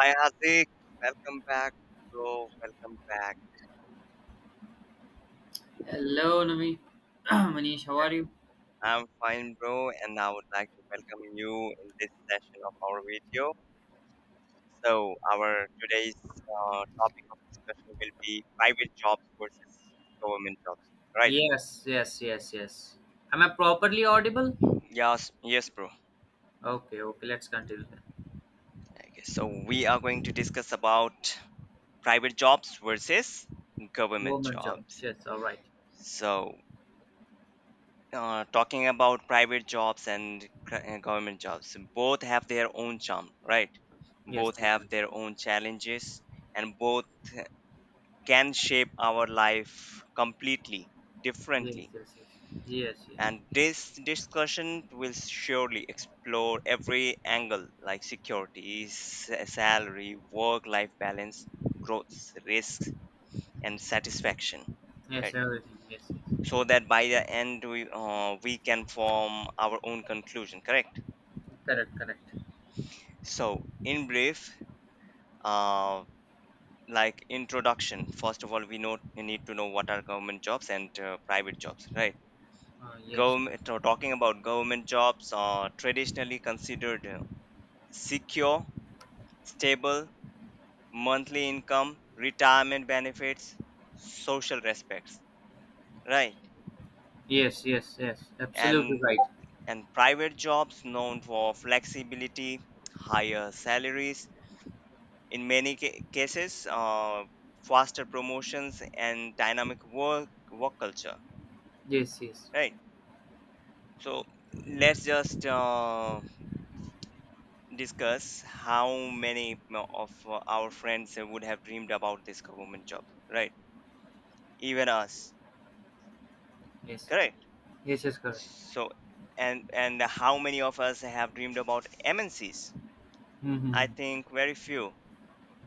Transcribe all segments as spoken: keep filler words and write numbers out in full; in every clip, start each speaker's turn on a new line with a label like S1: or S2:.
S1: Hi Azik, welcome back, bro. Welcome back.
S2: Hello, Nami. Manish, how are you?
S1: I'm fine, bro, and I would like to welcome you in this session of our video. So, our today's uh, topic of discussion will be private jobs versus government jobs, right?
S2: Yes, yes, yes, yes. Am I properly audible?
S1: Yes, yes, bro.
S2: Okay, okay, let's continue then.
S1: Okay, so we are going to discuss about private jobs versus government
S2: Government jobs,
S1: jobs.
S2: yes, all right.
S1: So, uh, talking about private jobs and gr- uh, government jobs, both have their own charm, right?
S2: Yes,
S1: Both
S2: they have.
S1: have their own challenges, and both can shape our life completely
S2: Yes,
S1: differently.
S2: yes, yes. Yes, yes.
S1: And this discussion will surely explore every angle like security, s- salary, work life balance, growth, risks and satisfaction,
S2: Yes,
S1: right?
S2: everything, yes, yes.
S1: So that by the end, we uh, we can form our own conclusion, correct?
S2: Correct, correct.
S1: So in brief, uh, like introduction, first of all, we know we need to know what are government jobs and uh, private jobs, right?
S2: Uh, yes.
S1: Government, so talking about government jobs, are traditionally considered uh, secure, stable, monthly income, retirement benefits, social respects, right?
S2: Yes, yes, yes. Absolutely
S1: and
S2: right.
S1: and private jobs known for flexibility, higher salaries. In many ca- cases, uh, faster promotions and dynamic work work culture,
S2: Yes, yes,
S1: right? So let's just uh, discuss how many mo- of uh, our friends would have dreamed about this government job, right? Even us,
S2: yes.
S1: correct?
S2: Yes, yes, correct.
S1: So and and how many of us have dreamed about M N Cs?
S2: Mm-hmm.
S1: I think very few.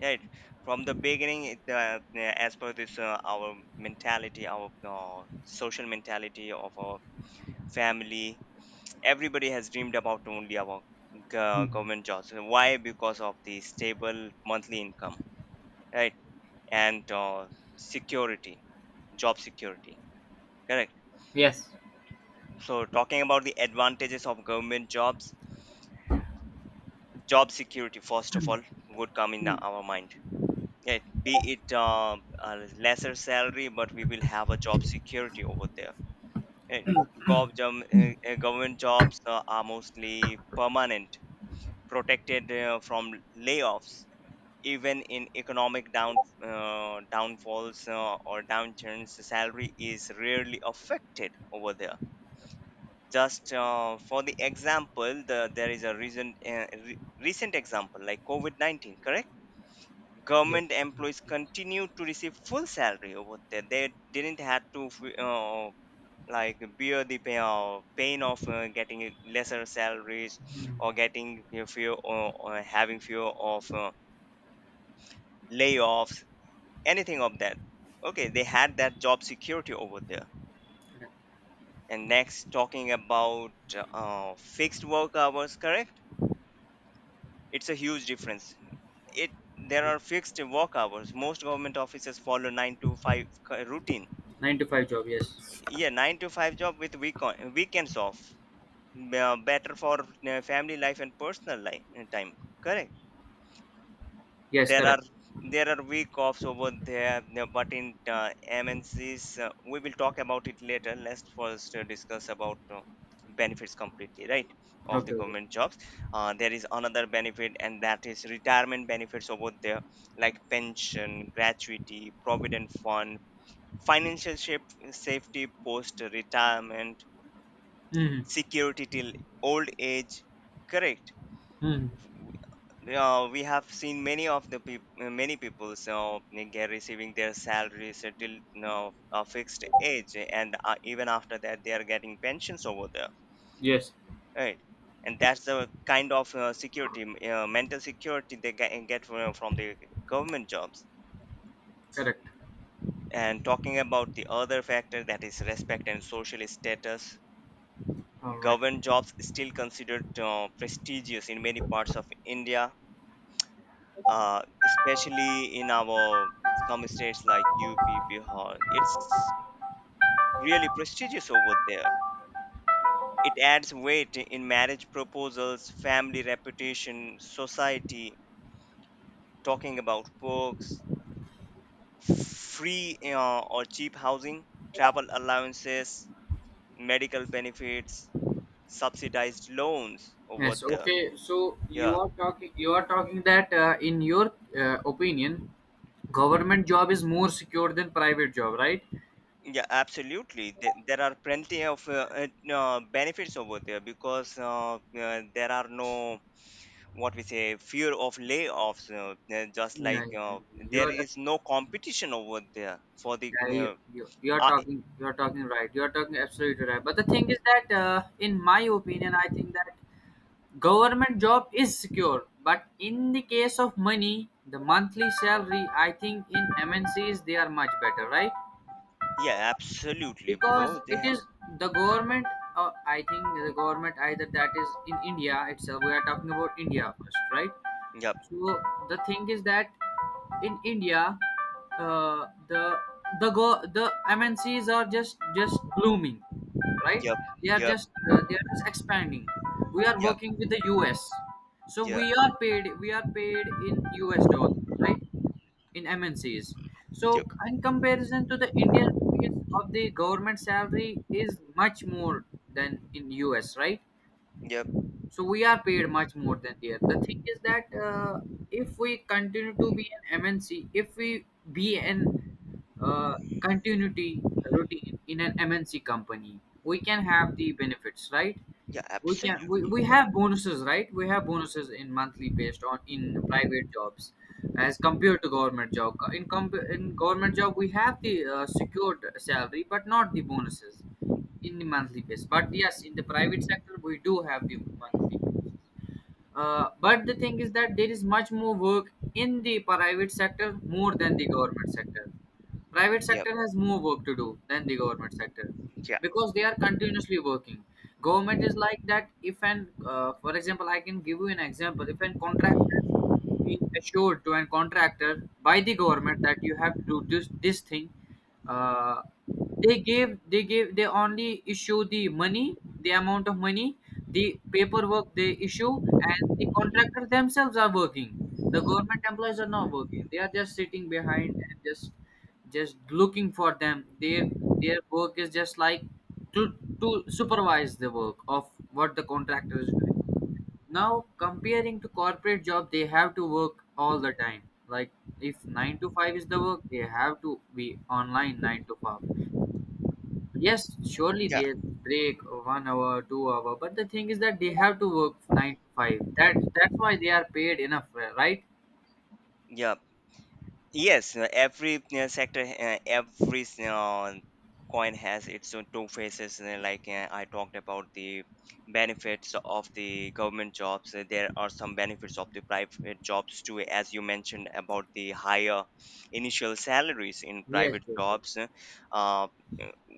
S1: Right. From the beginning, it, uh, uh, as per this, uh, our mentality, our uh, social mentality of our family, everybody has dreamed about only about go-
S2: Mm-hmm.
S1: government jobs. Why? Because of the stable monthly income, right? And uh, security, job security. Correct.
S2: Yes,
S1: So, talking about the advantages of government jobs, job security, first of all, would come in our mind. Yeah, be it uh, a lesser salary, but we will have a job security over there. And gov- um, uh, uh, government jobs uh, are mostly permanent, protected uh, from layoffs. Even in economic down uh, downfalls uh, or downturns, the salary is rarely affected over there. Just uh, for the example, the, there is a recent uh, re- recent example like COVID nineteen, correct?
S2: yes.
S1: Government employees continue to receive full salary over there. They didn't have to f- uh, like bear the pain, uh, pain of uh, getting a lesser salaries
S2: Mhm.
S1: or getting you know, or, or having fear of uh, layoffs, anything of that. Okay, they had that job security over there.
S2: Correct.
S1: And next, talking about uh, fixed work hours, correct? It's a huge difference. It There are fixed work hours. Most government offices follow nine to five ca- routine,
S2: nine to five job, yes.
S1: yeah. nine to five job with week weekends off, uh, better for uh, family life and personal life time, correct?
S2: Yes,
S1: there
S2: correct.
S1: are there are week offs over there, no, but in uh, M N Cs, uh, we will talk about it later. Let's first uh, discuss about uh, benefits completely, right, of the
S2: Okay, okay.
S1: government jobs. Uh, there is another benefit, and that is retirement benefits over there, like pension, gratuity, provident fund, financial shape, safety post retirement,
S2: Mm-hmm.
S1: security till old age, correct.
S2: hmm
S1: Uh, we have seen many of the peop- uh, many people so get receiving their salaries uh, till you know, a fixed age, and uh, even after that they are getting pensions over there,
S2: Yes,
S1: right. And that's the kind of uh, security, uh, mental security they get, get fro- from the government jobs.
S2: correct.
S1: And talking about the other factor, that is respect and social status.
S2: All right.
S1: Government jobs still considered uh, prestigious in many parts of India, uh, especially in our some states like U P, Bihar. It's really prestigious over there. It adds weight in marriage proposals, family reputation, society. Talking about perks, free uh, or cheap housing, travel allowances, medical benefits, subsidized loans over
S2: Yes.
S1: there.
S2: Okay. So you
S1: Yeah.
S2: are talking. You are talking that uh, in your uh, opinion, government job is more secure than private job, right?
S1: Yeah, absolutely. There there are plenty of uh, uh, uh, benefits over there, because uh, uh, there are no, what we say, fear of layoffs. Uh, uh, just like
S2: Yeah, yeah.
S1: uh,
S2: You
S1: there
S2: are.
S1: is no competition over there for the.
S2: Yeah, you,
S1: Uh,
S2: you, you are
S1: uh,
S2: talking. You are talking right. You are talking absolutely right. But the thing is that, uh, in my opinion, I think that government job is secure. But in the case of money, the monthly salary, I think in M N Cs they are much better, right?
S1: yeah, absolutely,
S2: Because
S1: bro.
S2: it
S1: They ha-
S2: is the government, uh, I think the government, either that is in India itself, we are talking about India first, right?
S1: yep,
S2: So the thing is that in India, uh, the the go the MNCs are just just blooming, right?
S1: yep,
S2: They are
S1: yep,
S2: just uh, they are just expanding. We are
S1: yep,
S2: working with the US. So
S1: yep,
S2: we are paid we are paid in US dollars, right, in M N Cs. So,
S1: yep,
S2: in comparison to the Indian rupees of the government salary is much more than in U S, right?
S1: yep.
S2: So we are paid much more than there. The thing is that uh, if we continue to be an M N C, if we be an uh, continuity routine in an M N C company, we can have the benefits, right?
S1: Yeah,
S2: we can we,
S1: absolutely.
S2: we have bonuses, right? We have bonuses in monthly based on in private jobs, as compared to government job. In comp- in government job we have the uh, secured salary but not the bonuses in the monthly base. But yes, in the private sector we do have the monthly bonuses. Uh, but the thing is that there is much more work in the private sector more than the government sector. Private
S1: Yep,
S2: sector has more work to do than the government sector
S1: yeah,
S2: because they are continuously working. Government is like that. If an, uh, For example, I can give you an example. If an contractor be assured to a contractor by the government that you have to do this this thing, uh, they gave they gave they only issue the money, the amount of money, the paperwork they issue, and the contractors themselves are working. The government employees are not working. They are just sitting behind and just just looking for them. Their their work is just like to to supervise the work of what the contractor is doing. Now comparing to corporate job, they have to work all the time. Like, if nine to five is the work, they have to be online nine to five. Yes, surely
S1: yeah,
S2: they break one hour, two hour, but the thing is that they have to work nine to five. That that's why they are paid enough, right?
S1: yeah. Yes, uh, every uh, sector, uh, every uh, coin has its own two faces. uh, Like uh, I talked about the benefits of the government jobs, uh, there are some benefits of the private jobs too, as you mentioned about the higher initial salaries in
S2: Yes,
S1: private
S2: yes, yes.
S1: jobs. Uh, uh,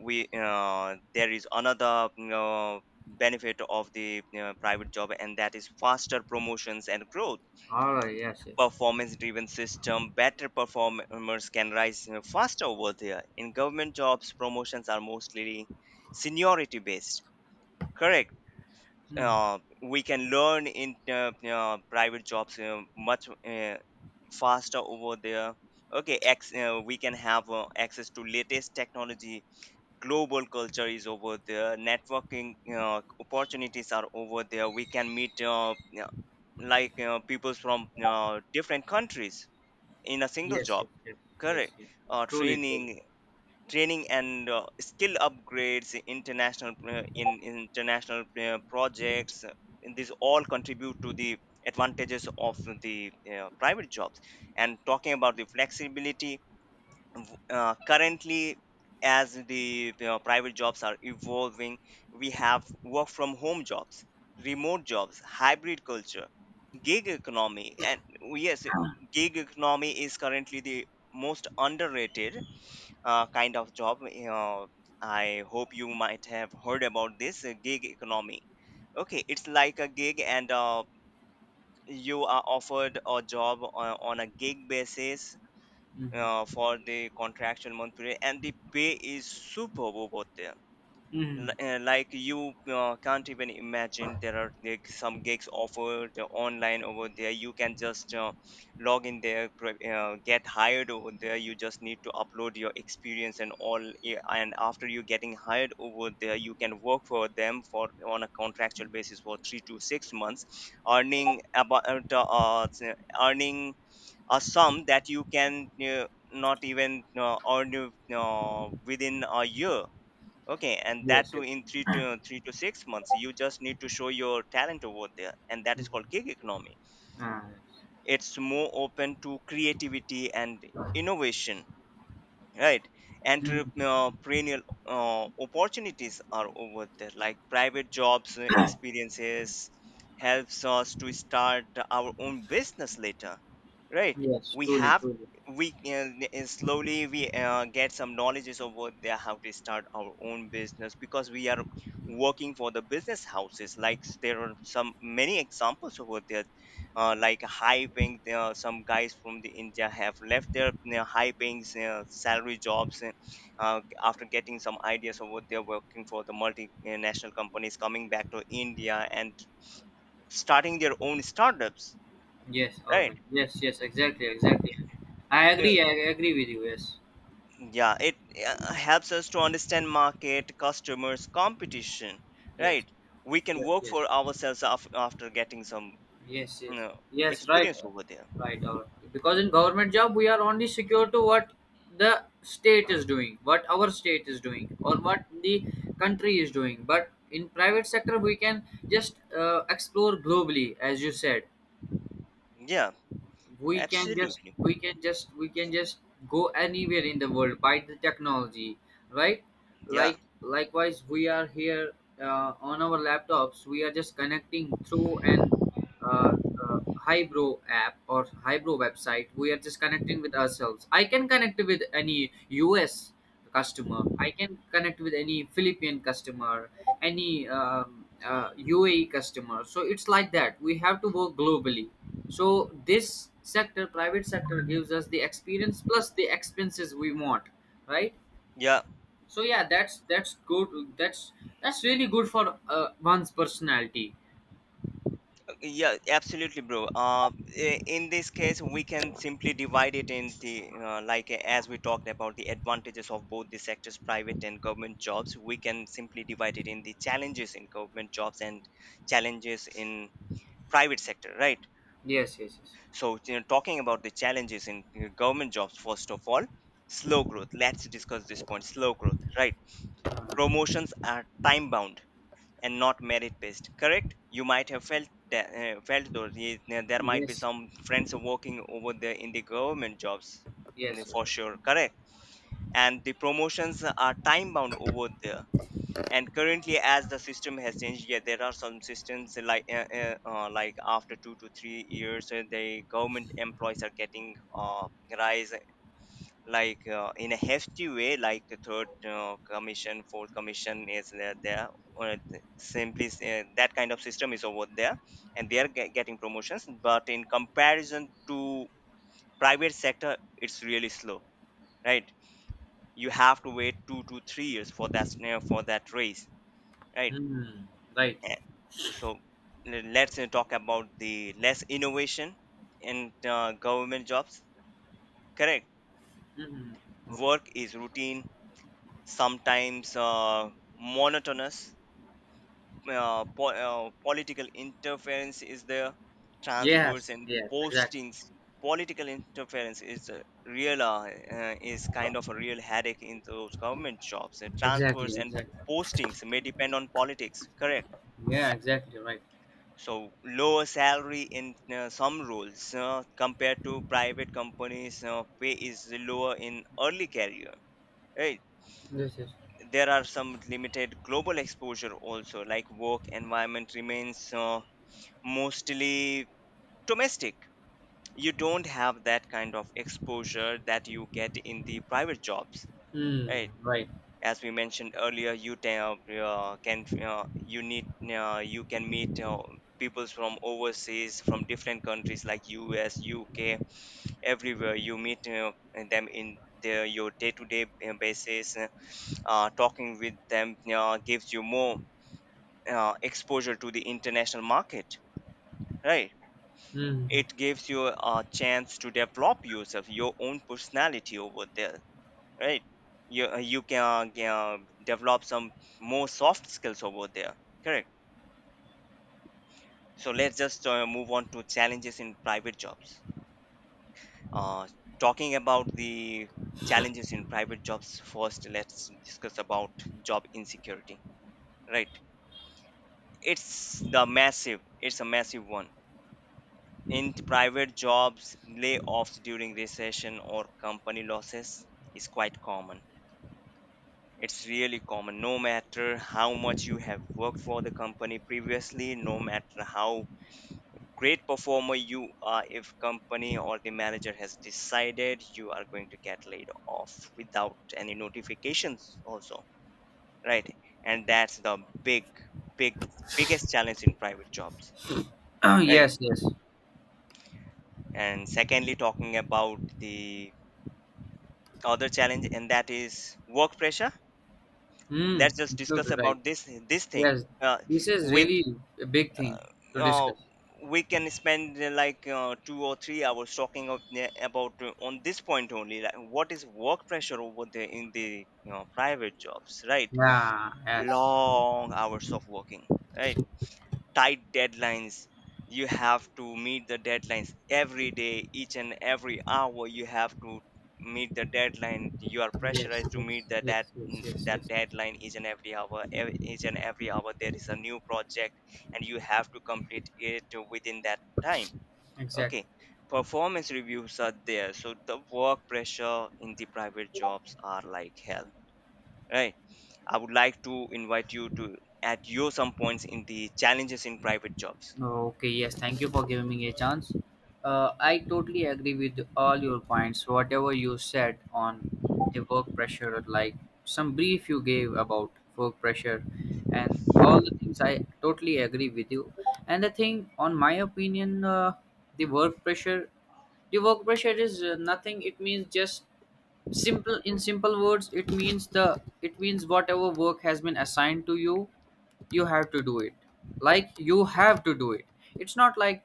S1: we uh, There is another you know, benefit of the you know, private job, and that is faster promotions and growth,
S2: All right. Yes, yes.
S1: performance driven system. Better performers can rise, you know, faster over there. In government jobs, promotions are mostly seniority based, correct.
S2: Hmm.
S1: Uh, we can learn in uh, uh, private jobs uh, much uh, faster over there. Okay, ex- uh, we can have uh, access to latest technology. Global culture is over there, networking uh, opportunities are over there, we can meet uh, yeah, like uh, people from uh, different countries in a single
S2: Yes,
S1: job,
S2: yes, yes, yes,
S1: correct.
S2: yes.
S1: uh,
S2: Truly, truly.
S1: training Training and uh, skill upgrades, international uh, in international uh, projects, uh, and these all contribute to the advantages of the uh, private jobs. And talking about the flexibility, w- uh, currently as the uh, private jobs are evolving, we have work from home jobs, remote jobs, hybrid culture, gig economy, and oh, yes, gig economy is currently the most underrated uh, kind of job. uh, I hope you might have heard about this uh, gig economy. Okay, it's like a gig, and uh, you are offered a job on, on a gig basis
S2: Mm-hmm.
S1: uh, for the contractual month period, and the pay is superb over there.
S2: Mm-hmm.
S1: Li- uh, like you uh, can't even imagine. There are like some gigs offered uh, online over there, you can just uh, log in there, pro- uh, get hired over there, you just need to upload your experience and all, yeah, and after you getting hired over there, you can work for them for on a contractual basis for three to six months, earning about uh, t- uh, s- earning a sum that you can uh, not even uh, earn uh, within a year. Okay, and
S2: Yes,
S1: that too
S2: yes.
S1: in three to three to six months. You just need to show your talent over there, and that is called gig
S2: Mm-hmm.
S1: economy.
S2: Ah, yes.
S1: It's more open to creativity and innovation, right,
S2: Mhm.
S1: entrepreneurial uh, opportunities are over there. Like private jobs uh, experiences helps us to start our own business later, right.
S2: Yes,
S1: We
S2: truly,
S1: have,
S2: truly.
S1: we can uh, slowly we uh, get some knowledges of what they, how to start our own business, because we are working for the business houses. Like there are some many examples over there, uh, like high paying, uh, some guys from the India have left their you know, high paying uh, salary jobs, uh, uh, after getting some ideas of what they're working for the multinational companies, coming back to India and starting their own startups,
S2: Yes,
S1: right.
S2: always. Yes, yes, exactly, exactly. I
S1: Yeah,
S2: agree, I agree with you. Yes,
S1: yeah, it uh, helps us to understand market, customers, competition,
S2: yes,
S1: right. We can
S2: yes,
S1: work
S2: yes,
S1: for ourselves af- after getting some
S2: yes,
S1: you
S2: yes,
S1: know,
S2: yes, right,
S1: experience
S2: uh,
S1: over there.
S2: right. All right. Because in government job, we are only secure to what the state is doing, what our state is doing, or what the country is doing. But in private sector, we can just uh, explore globally, as you said.
S1: Yeah,
S2: We can just
S1: absolutely.
S2: we can just we can just go anywhere in the world by the technology, right?
S1: Yeah,
S2: Like likewise, we are here uh, on our laptops. We are just connecting through an uh, uh, hybro app or hybro website. We are just connecting with ourselves. I can connect with any US customer. I can connect with any Philippine customer, any um, uh, UAE customer. So it's like that we have to work globally. So this sector, private sector, gives us the experience plus the expenses we want, right?
S1: yeah.
S2: So yeah, that's that's good. That's that's really good for uh, one's personality.
S1: Yeah, absolutely, bro. Uh, i- in this case, we can simply divide it in the uh, like uh, as we talked about the advantages of both the sectors, private and government jobs. We can simply divide it in the challenges in government jobs and challenges in private sector, right?
S2: Yes, yes, yes,
S1: So, you know, talking about the challenges in uh, government jobs, first of all, slow growth. Let's discuss this point. Slow growth, right? Promotions are time bound and not merit based, correct? You might have felt that, uh, felt those Ye- there might be
S2: yes,
S1: some friends working over there in the government jobs in
S2: yes,
S1: the,
S2: yes.
S1: for
S2: Yes.
S1: sure, correct. And the promotions are time bound over there. And currently as the system has changed, yeah, there are some systems like, uh, uh, uh, like after two to three years, uh, the government employees are getting, uh, rise, like, uh, in a hasty way, like the third, uh, commission, fourth commission is there, there or th- simply s- uh, that kind of system is over there. And they are ge- getting promotions, but in comparison to private sector it's really slow, right? You have to wait two to three years for that snare, for that race, right?
S2: Hmm. Right.
S1: Eh, so le- let's, uh, talk about the less innovation in, uh, government jobs, correct.
S2: Hmm. Okay.
S1: Work is routine, sometimes uh, monotonous. Uh, po- uh, political interference is there, transfers
S2: Yes.
S1: and
S2: Yes. Exactly.
S1: postings. Political interference is a real uh, uh, is kind of a real headache in those government jobs. Uh,
S2: Exactly.
S1: transfers and
S2: Exactly.
S1: postings may depend on politics, correct.
S2: Yeah. Exactly. Right.
S1: So lower salary in, uh, some roles, uh, compared to private companies, uh, pay is lower in early career, right?
S2: Yes. Yes.
S1: There are some limited global exposure also, like work environment remains, uh, mostly domestic. You don't have that kind of exposure that you get in the private jobs,
S2: Hmm.
S1: right?
S2: Right.
S1: As we mentioned earlier, you ta- uh, can uh, you need uh, you can meet, uh, people from overseas from different countries like US, UK, everywhere. You meet, uh, them in their, your day-to-day, uh, basis. Uh, talking with them, uh, gives you more, uh, exposure to the international market, right?
S2: Hmm.
S1: It gives you a chance to develop yourself, your own personality over there, right? You, uh, you can, uh, develop some more soft skills over there, correct. So let's just, uh, move on to challenges in private jobs. uh, Talking about the challenges in private jobs, first let's discuss about job insecurity, right? It's the massive it's a massive one. In private jobs, layoffs during recession or company losses is quite common. It's really common. No matter how much you have worked for the company previously, no matter how great performer you are, if company or the manager has decided, you are going to get laid off without any notifications also, right? And that's the big, big, biggest challenge in private jobs, right?
S2: Yes. Yes.
S1: And secondly, talking about the other challenge, and that is work pressure.
S2: Hmm.
S1: Let's just discuss
S2: Absolutely right.
S1: about this this thing.
S2: Yes.
S1: uh,
S2: This is
S1: we
S2: really a big thing to
S1: uh,
S2: discuss.
S1: we can spend, uh, like, uh, two or three hours talking of, yeah, about, uh, on this point only, like what is work pressure over there in the, you know, private jobs, right?
S2: Yeah, yes.
S1: Long hours of working, right? Tight deadlines. You have to meet the deadlines every day, each and every hour. You have to meet the deadline. You are
S2: Yes,
S1: pressurized to meet
S2: yes,
S1: the
S2: yes,
S1: that
S2: yes, yes,
S1: that
S2: yes.
S1: deadline each and every hour. Ev- each and every hour there is a new project, and you have to complete it within that time.
S2: Exactly.
S1: Okay, performance reviews are there. So the work pressure in the private jobs are like hell, right? I would like to invite you to at your some points in the challenges in private jobs.
S2: Okay, yes, thank you for giving me a chance. Uh, I totally agree with all your points, whatever you said on the work pressure, like some brief you gave about work pressure and all the things. I totally agree with you. And the thing, on my opinion, uh, the work pressure the work pressure is uh, nothing. It means just simple, in simple words, it means the it means whatever work has been assigned to you, you have to do it. Like, you have to do it. It's not like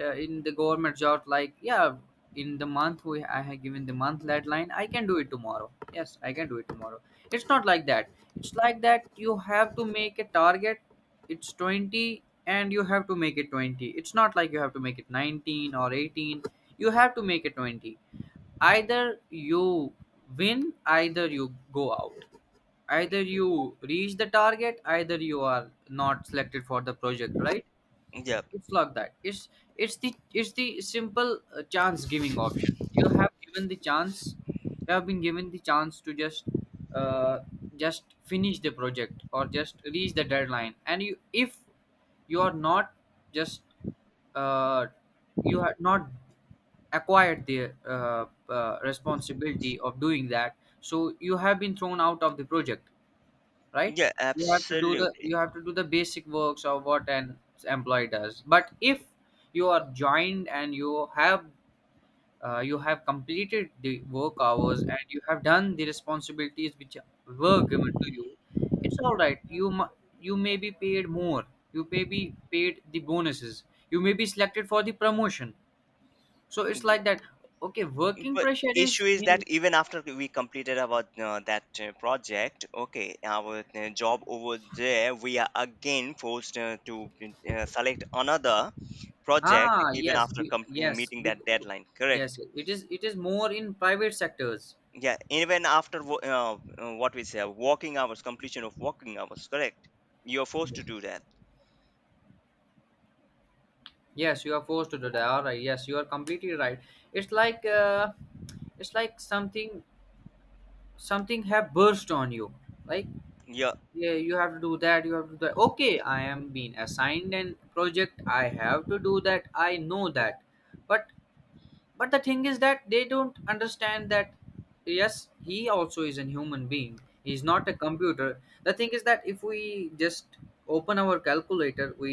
S2: uh, in the government job. Like, yeah, in the month, we I have given the month deadline, I can do it tomorrow. Yes, I can do it tomorrow. It's not like that. It's like that you have to make a target. It's twenty, and you have to make it twenty. It's not like you have to make it nineteen or eighteen. You have to make it twenty. Either you win, either you go out, either you reach the target, either you are not selected for the project, right?
S1: Yeah,
S2: It's like that. It's it's the it's the simple uh, chance giving option. You have given the chance you have been given the chance to just uh, just finish the project or just reach the deadline, and you if you are not just, uh, you have not acquired the uh, uh, responsibility of doing that, so you have been thrown out of the project, right?
S1: yeah,
S2: you have to do the
S1: absolutely.
S2: you have to do the basic works of what an employee does, but if you are joined and you have uh, you have completed the work hours, and you have done the responsibilities which were given to you, it's all right. You mu- you may be paid more. You may be paid the bonuses. You may be selected for the promotion. So it's
S1: Yeah.
S2: like that. Okay, working
S1: But
S2: pressure
S1: issue
S2: is
S1: is
S2: in.
S1: that even after we completed about, uh, that, uh, project, okay, our, uh, job over there, we are again forced, uh, to, uh, select another project,
S2: Ah,
S1: even
S2: yes,
S1: after
S2: be,
S1: com- uh,
S2: yes,
S1: meeting
S2: be,
S1: that deadline, correct.
S2: yes. It is. It is more in private sectors.
S1: Yeah, even after wo- uh, uh, what we say, working hours, completion of working hours, correct. You're forced to
S2: Yes.
S1: do that.
S2: Yes, you are forced to do that. All right. Yes, you are completely right. It's like uh, it's like something something have burst on you. Like,
S1: Yeah,
S2: yeah, you have to do that. You have to do that. Okay, I am being assigned an project. I have to do that. I know that, but but the thing is that they don't understand that, yes, he also is a human being. He's not a computer. The thing is that if we just open our calculator, we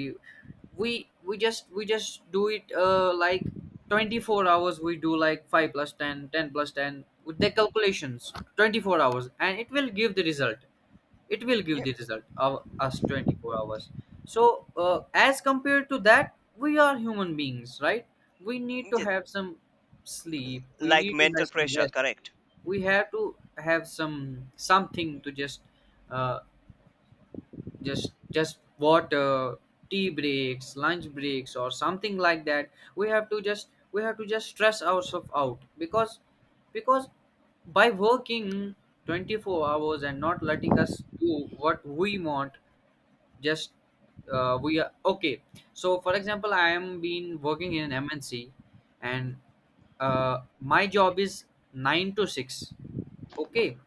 S2: we we just we just do it uh, like twenty-four hours. We do like five plus ten, ten plus ten with the calculations twenty-four hours, and it will give the result It will give
S1: yeah,
S2: the result of us twenty-four hours. So uh, as compared to that, we are human beings, right? We need to
S1: yeah.
S2: have some sleep. We
S1: Like
S2: need to have
S1: mental
S2: some
S1: pressure,
S2: rest.
S1: correct.
S2: We have to have some something to just uh, just just water, tea breaks, lunch breaks, or something like that. We have to just we have to just stress ourselves out, because because by working twenty-four hours and not letting us do what we want. Just uh, We are okay. So for example, I am been working in an MNC, and uh, my job is nine to six. Okay,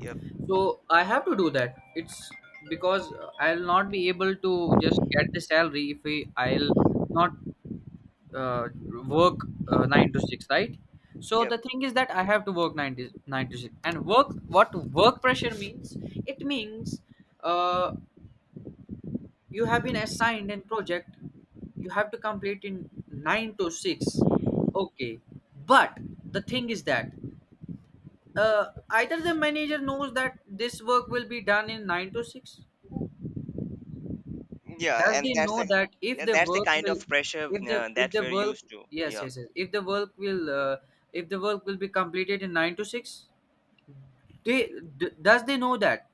S1: Yep.
S2: so I have to do that. It's because uh, I'll not be able to just get the salary if we, I'll not uh, work uh, nine to six, right? So
S1: Yep.
S2: the thing is that I have to work nine to, nine to six, and work, what work pressure means. It means uh, you have been assigned a project, you have to complete in nine to six. Okay, but the thing is that uh, either the manager knows that this work will be done in nine to six.
S1: Yeah,
S2: Does
S1: and
S2: they
S1: that's
S2: know
S1: a,
S2: that if
S1: yeah,
S2: the
S1: that's the
S2: work
S1: kind
S2: will
S1: of pressure,
S2: if the
S1: uh,
S2: if
S1: that
S2: the
S1: we're
S2: work,
S1: used to.
S2: yes,
S1: Yeah,
S2: yes, yes, if the work will, uh, if the work will be completed in nine to six? they d- does they know that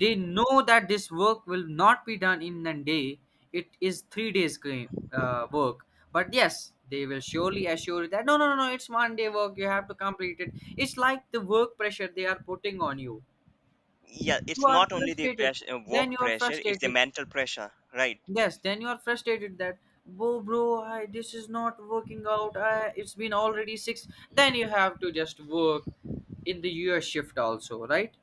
S2: they know that this work will not be done in a day. It is three days ga- uh, work, but yes, they will surely assure you that no, no, no, no, it's one day work, you have to complete it. It's like the work pressure they are putting on You,
S1: yeah.
S2: you
S1: It's
S2: are
S1: not only the
S2: frustrated.
S1: pressure, uh,
S2: Then you
S1: work
S2: are
S1: pressure; it's the
S2: frustrated.
S1: mental pressure, right?
S2: Yes, then you are frustrated that, whoa, bro, I, this is not working out. I, it's been already six. Then you have to just work in the U S shift also, right?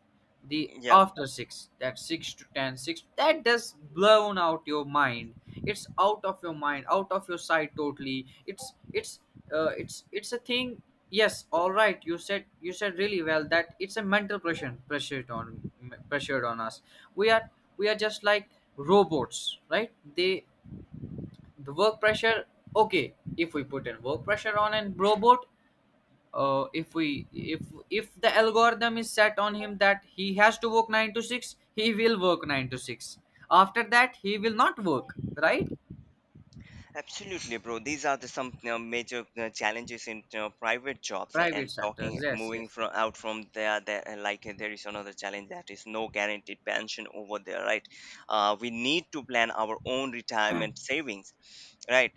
S2: The
S1: Yeah,
S2: after six, that six to ten, six, that does blown out your mind. It's out of your mind, out of your sight totally. It's it's uh, it's it's a thing. Yes, all right. You said you said really well that it's a mental pressure, pressured on pressured on us. We are we are just like robots, right? They the work pressure. Okay, if we put in work pressure on a robot, uh, if we if if the algorithm is set on him that he has to work nine to six, he will work nine to six. After that, he will not work, right?
S1: absolutely, bro. These are the some, you know, major, uh, challenges in, you know, private jobs, a-
S2: Private
S1: and
S2: sectors.
S1: talking
S2: Yes,
S1: moving
S2: yes, yes.
S1: from out from there. There, uh, like, uh, there is another challenge, that is no guaranteed pension over there, right? Uh, we need to plan our own retirement savings, right?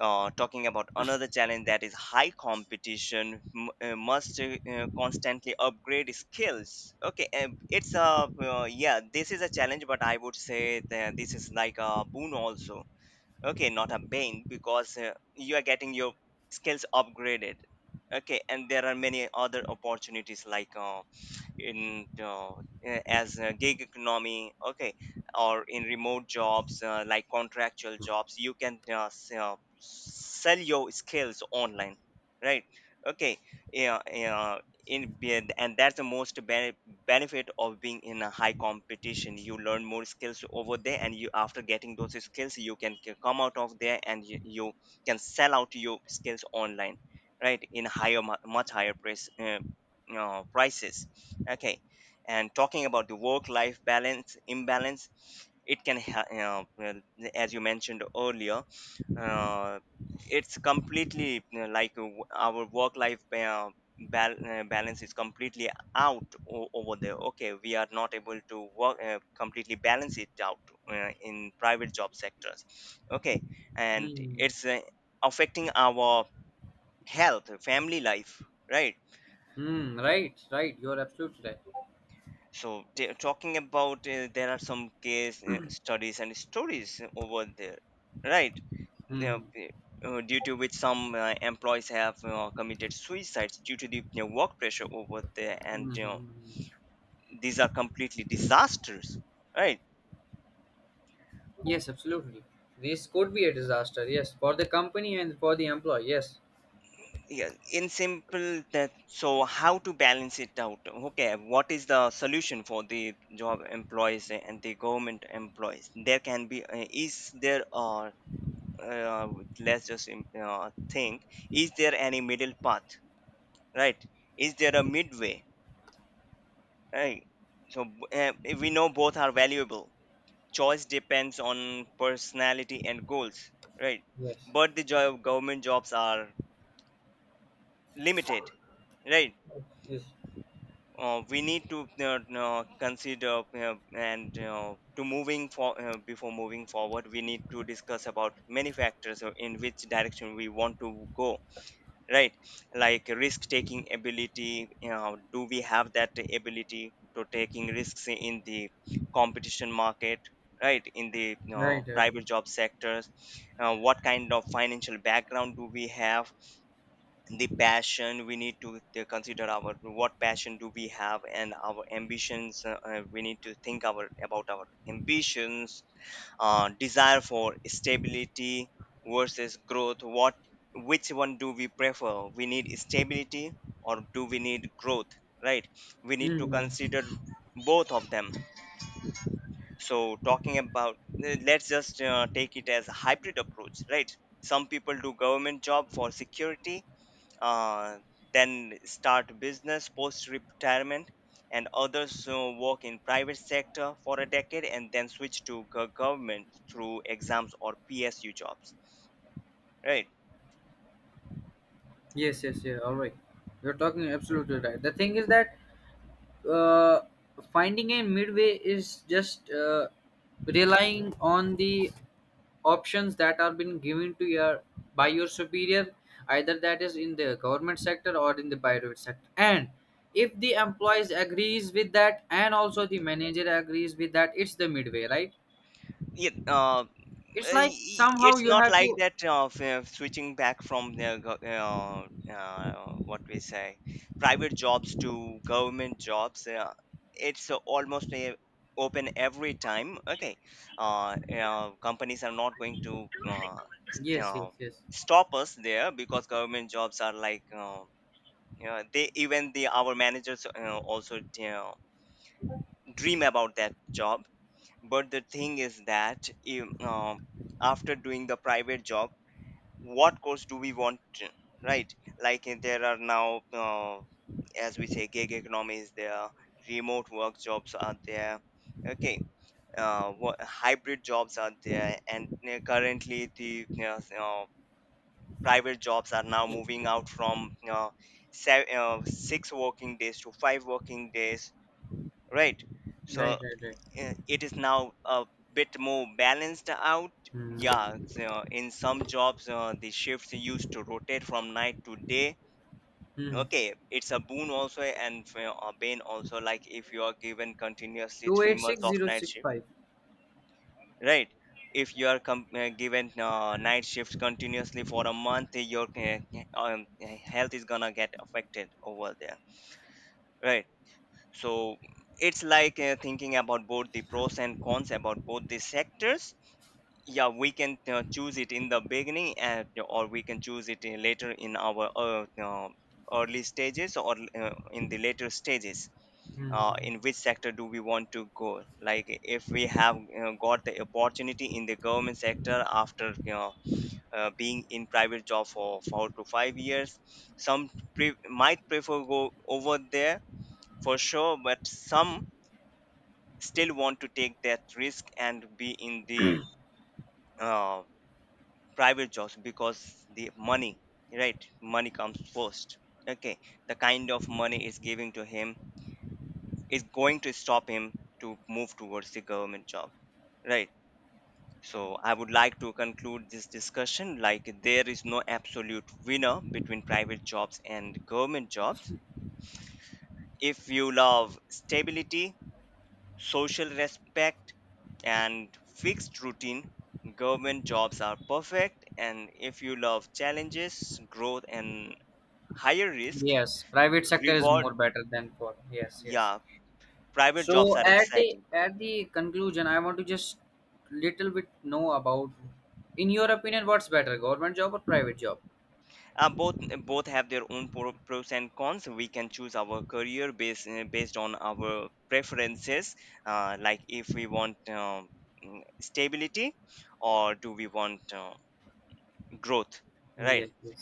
S1: uh, Talking about another challenge, that is high competition, m- uh, must, uh, uh, constantly upgrade skills. Okay, um, it's a, uh, yeah, this is a challenge, but I would say that this is like a boon also. Okay, not a bane, because, uh, you are getting your skills upgraded. Okay, and there are many other opportunities like, uh, in uh, as a gig economy, okay, or in remote jobs, uh, like contractual jobs. You can, uh, s- uh, sell your skills online, right? Okay, yeah, yeah. In be- and that's the most bene- benefit of being in a high competition. You learn more skills over there, and you, after getting those skills, you can c- come out of there, and you, you can sell out your skills online, right? In higher mu- much higher price, uh, uh, prices. Okay, and talking about the work life balance imbalance, it can ha- you know, well, as you mentioned earlier, uh, it's completely, you know, like, uh, w- our work life, uh, bal- uh, balance is completely out o- over there. Okay, we are not able to work, uh, completely balance it out, uh, in private job sectors. Okay, and
S2: Hmm.
S1: it's, uh, affecting our health, family life, right?
S2: Hmm. Right. Right. You are absolutely right.
S1: So t- talking about, uh, there are some case, uh, studies and stories over there, right? Now,
S2: Hmm.
S1: uh, due to which some, uh, employees have, uh, committed suicides due to the, you know, work pressure over there, and, you know,
S2: Mhm.
S1: these are completely disasters, right?
S2: Yes, absolutely. This could be a disaster. Yes, for the company and for the employee. Yes,
S1: Yeah, in simple that, so how to balance it out? Okay, what is the solution for the job employees and the government employees? There can be, uh, is there a, uh, let's just im- uh, think, is there any middle path, right? Is there a midway, right? So, uh, we know both are valuable. Choice depends on personality and goals, right?
S2: yes,
S1: But the joy of government jobs are limited, right?
S2: yes.
S1: Uh, we need to, uh, uh, consider, uh, and uh, to moving for uh, before moving forward we need to discuss about many factors, uh, in which direction we want to go, right? Like risk taking ability. You know, do we have that ability to taking risks in the competition market, right? In the, you
S2: Right,
S1: know,
S2: right, right.
S1: private job sectors. Uh, what kind of financial background do we have? The passion, we need to, uh, consider our, what passion do we have? And our ambitions, uh, uh, we need to think our about our ambitions. Uh, desire for stability versus growth. What, which one do we prefer? We need stability, or do we need growth, right? We need to
S2: Mhm.
S1: consider both of them. So, talking about, let's just, uh, take it as a hybrid approach, right? Some people do government job for security, uh, then start business post retirement. And others, uh, work in private sector for a decade, and then switch to go- government through exams or PSU jobs, right?
S2: Yes, yes, yeah. All right. You're talking absolutely right. The thing is that uh, finding a midway is just uh, relying on the options that are been given to your by your superior, either that is in the government sector or in the private sector, and if the employees agrees with that and also the manager agrees with that, it's the midway, right?
S1: Yeah, uh,
S2: It's like
S1: i-
S2: somehow
S1: it's
S2: you
S1: not
S2: have
S1: like
S2: to,
S1: that of, uh, switching back from the go- uh, uh, what we say, private jobs to government jobs, uh, it's, uh, almost, uh, open every time. Okay, uh, uh, companies are not going to, uh, s-
S2: yes, yes,
S1: uh,
S2: yes,
S1: stop us there, because government jobs are like, uh, you know, they, even the our managers, uh, also, you know, dream about that job. But the thing is that im- um after doing the private job, what course do we want, right? Like, eh, there are now, uh, as we say, gig economy is there, remote work jobs are there. Okay, uh, what, hybrid jobs are there, and eh, currently the, you know, s- uh, private jobs are now moving out from, uh, seven, uh, six working days to five working days, right? So,
S2: right, right, right.
S1: uh, it is now a bit more balanced out.
S2: Hmm.
S1: Yeah, so in some jobs, uh, the shifts used to rotate from night to day.
S2: Hmm.
S1: Okay, it's a boon also, and, uh, a bane also. Like if you are given continuously three months of night shift,
S2: two eight six zero six five.
S1: right? If you are com- uh, given, uh, night shifts continuously for a month, your, uh, um, health is gonna get affected over there, right? So it's like, uh, thinking about both the pros and cons about both the sectors, yeah, we can, uh, choose it in the beginning, and, or we can choose it in later in our, uh, uh, early stages, or, uh, in the later stages,
S2: Hmm.
S1: uh, in which sector do we want to go. Like if we have, uh, got the opportunity in the government sector after, you know, uh, being in private job for four to five years, some pre- might prefer go over there for sure. But some still want to take that risk and be in the, uh, private jobs, because the money, right? Money comes first. Okay, the kind of money is giving to him is going to stop him to move towards the government job, right? So I would like to conclude this discussion. Like, there is no absolute winner between private jobs and government jobs. If you love stability, social respect, and fixed routine, government jobs are perfect. And if you love challenges, growth, and higher risk
S2: Yes, private sector is
S1: reward,
S2: more better than, for, yes, yes.
S1: yeah, private jobs
S2: So
S1: are
S2: at the
S1: exciting.
S2: at the conclusion, I want to just little bit know about, in your opinion, what's better, government job or private job?
S1: Uh, both, both have their own pro- pros and cons. We can choose our career based uh, based on our preferences, uh, like if we want, um, mm, stability, or do we want, uh, growth, right?
S2: Yes, yes.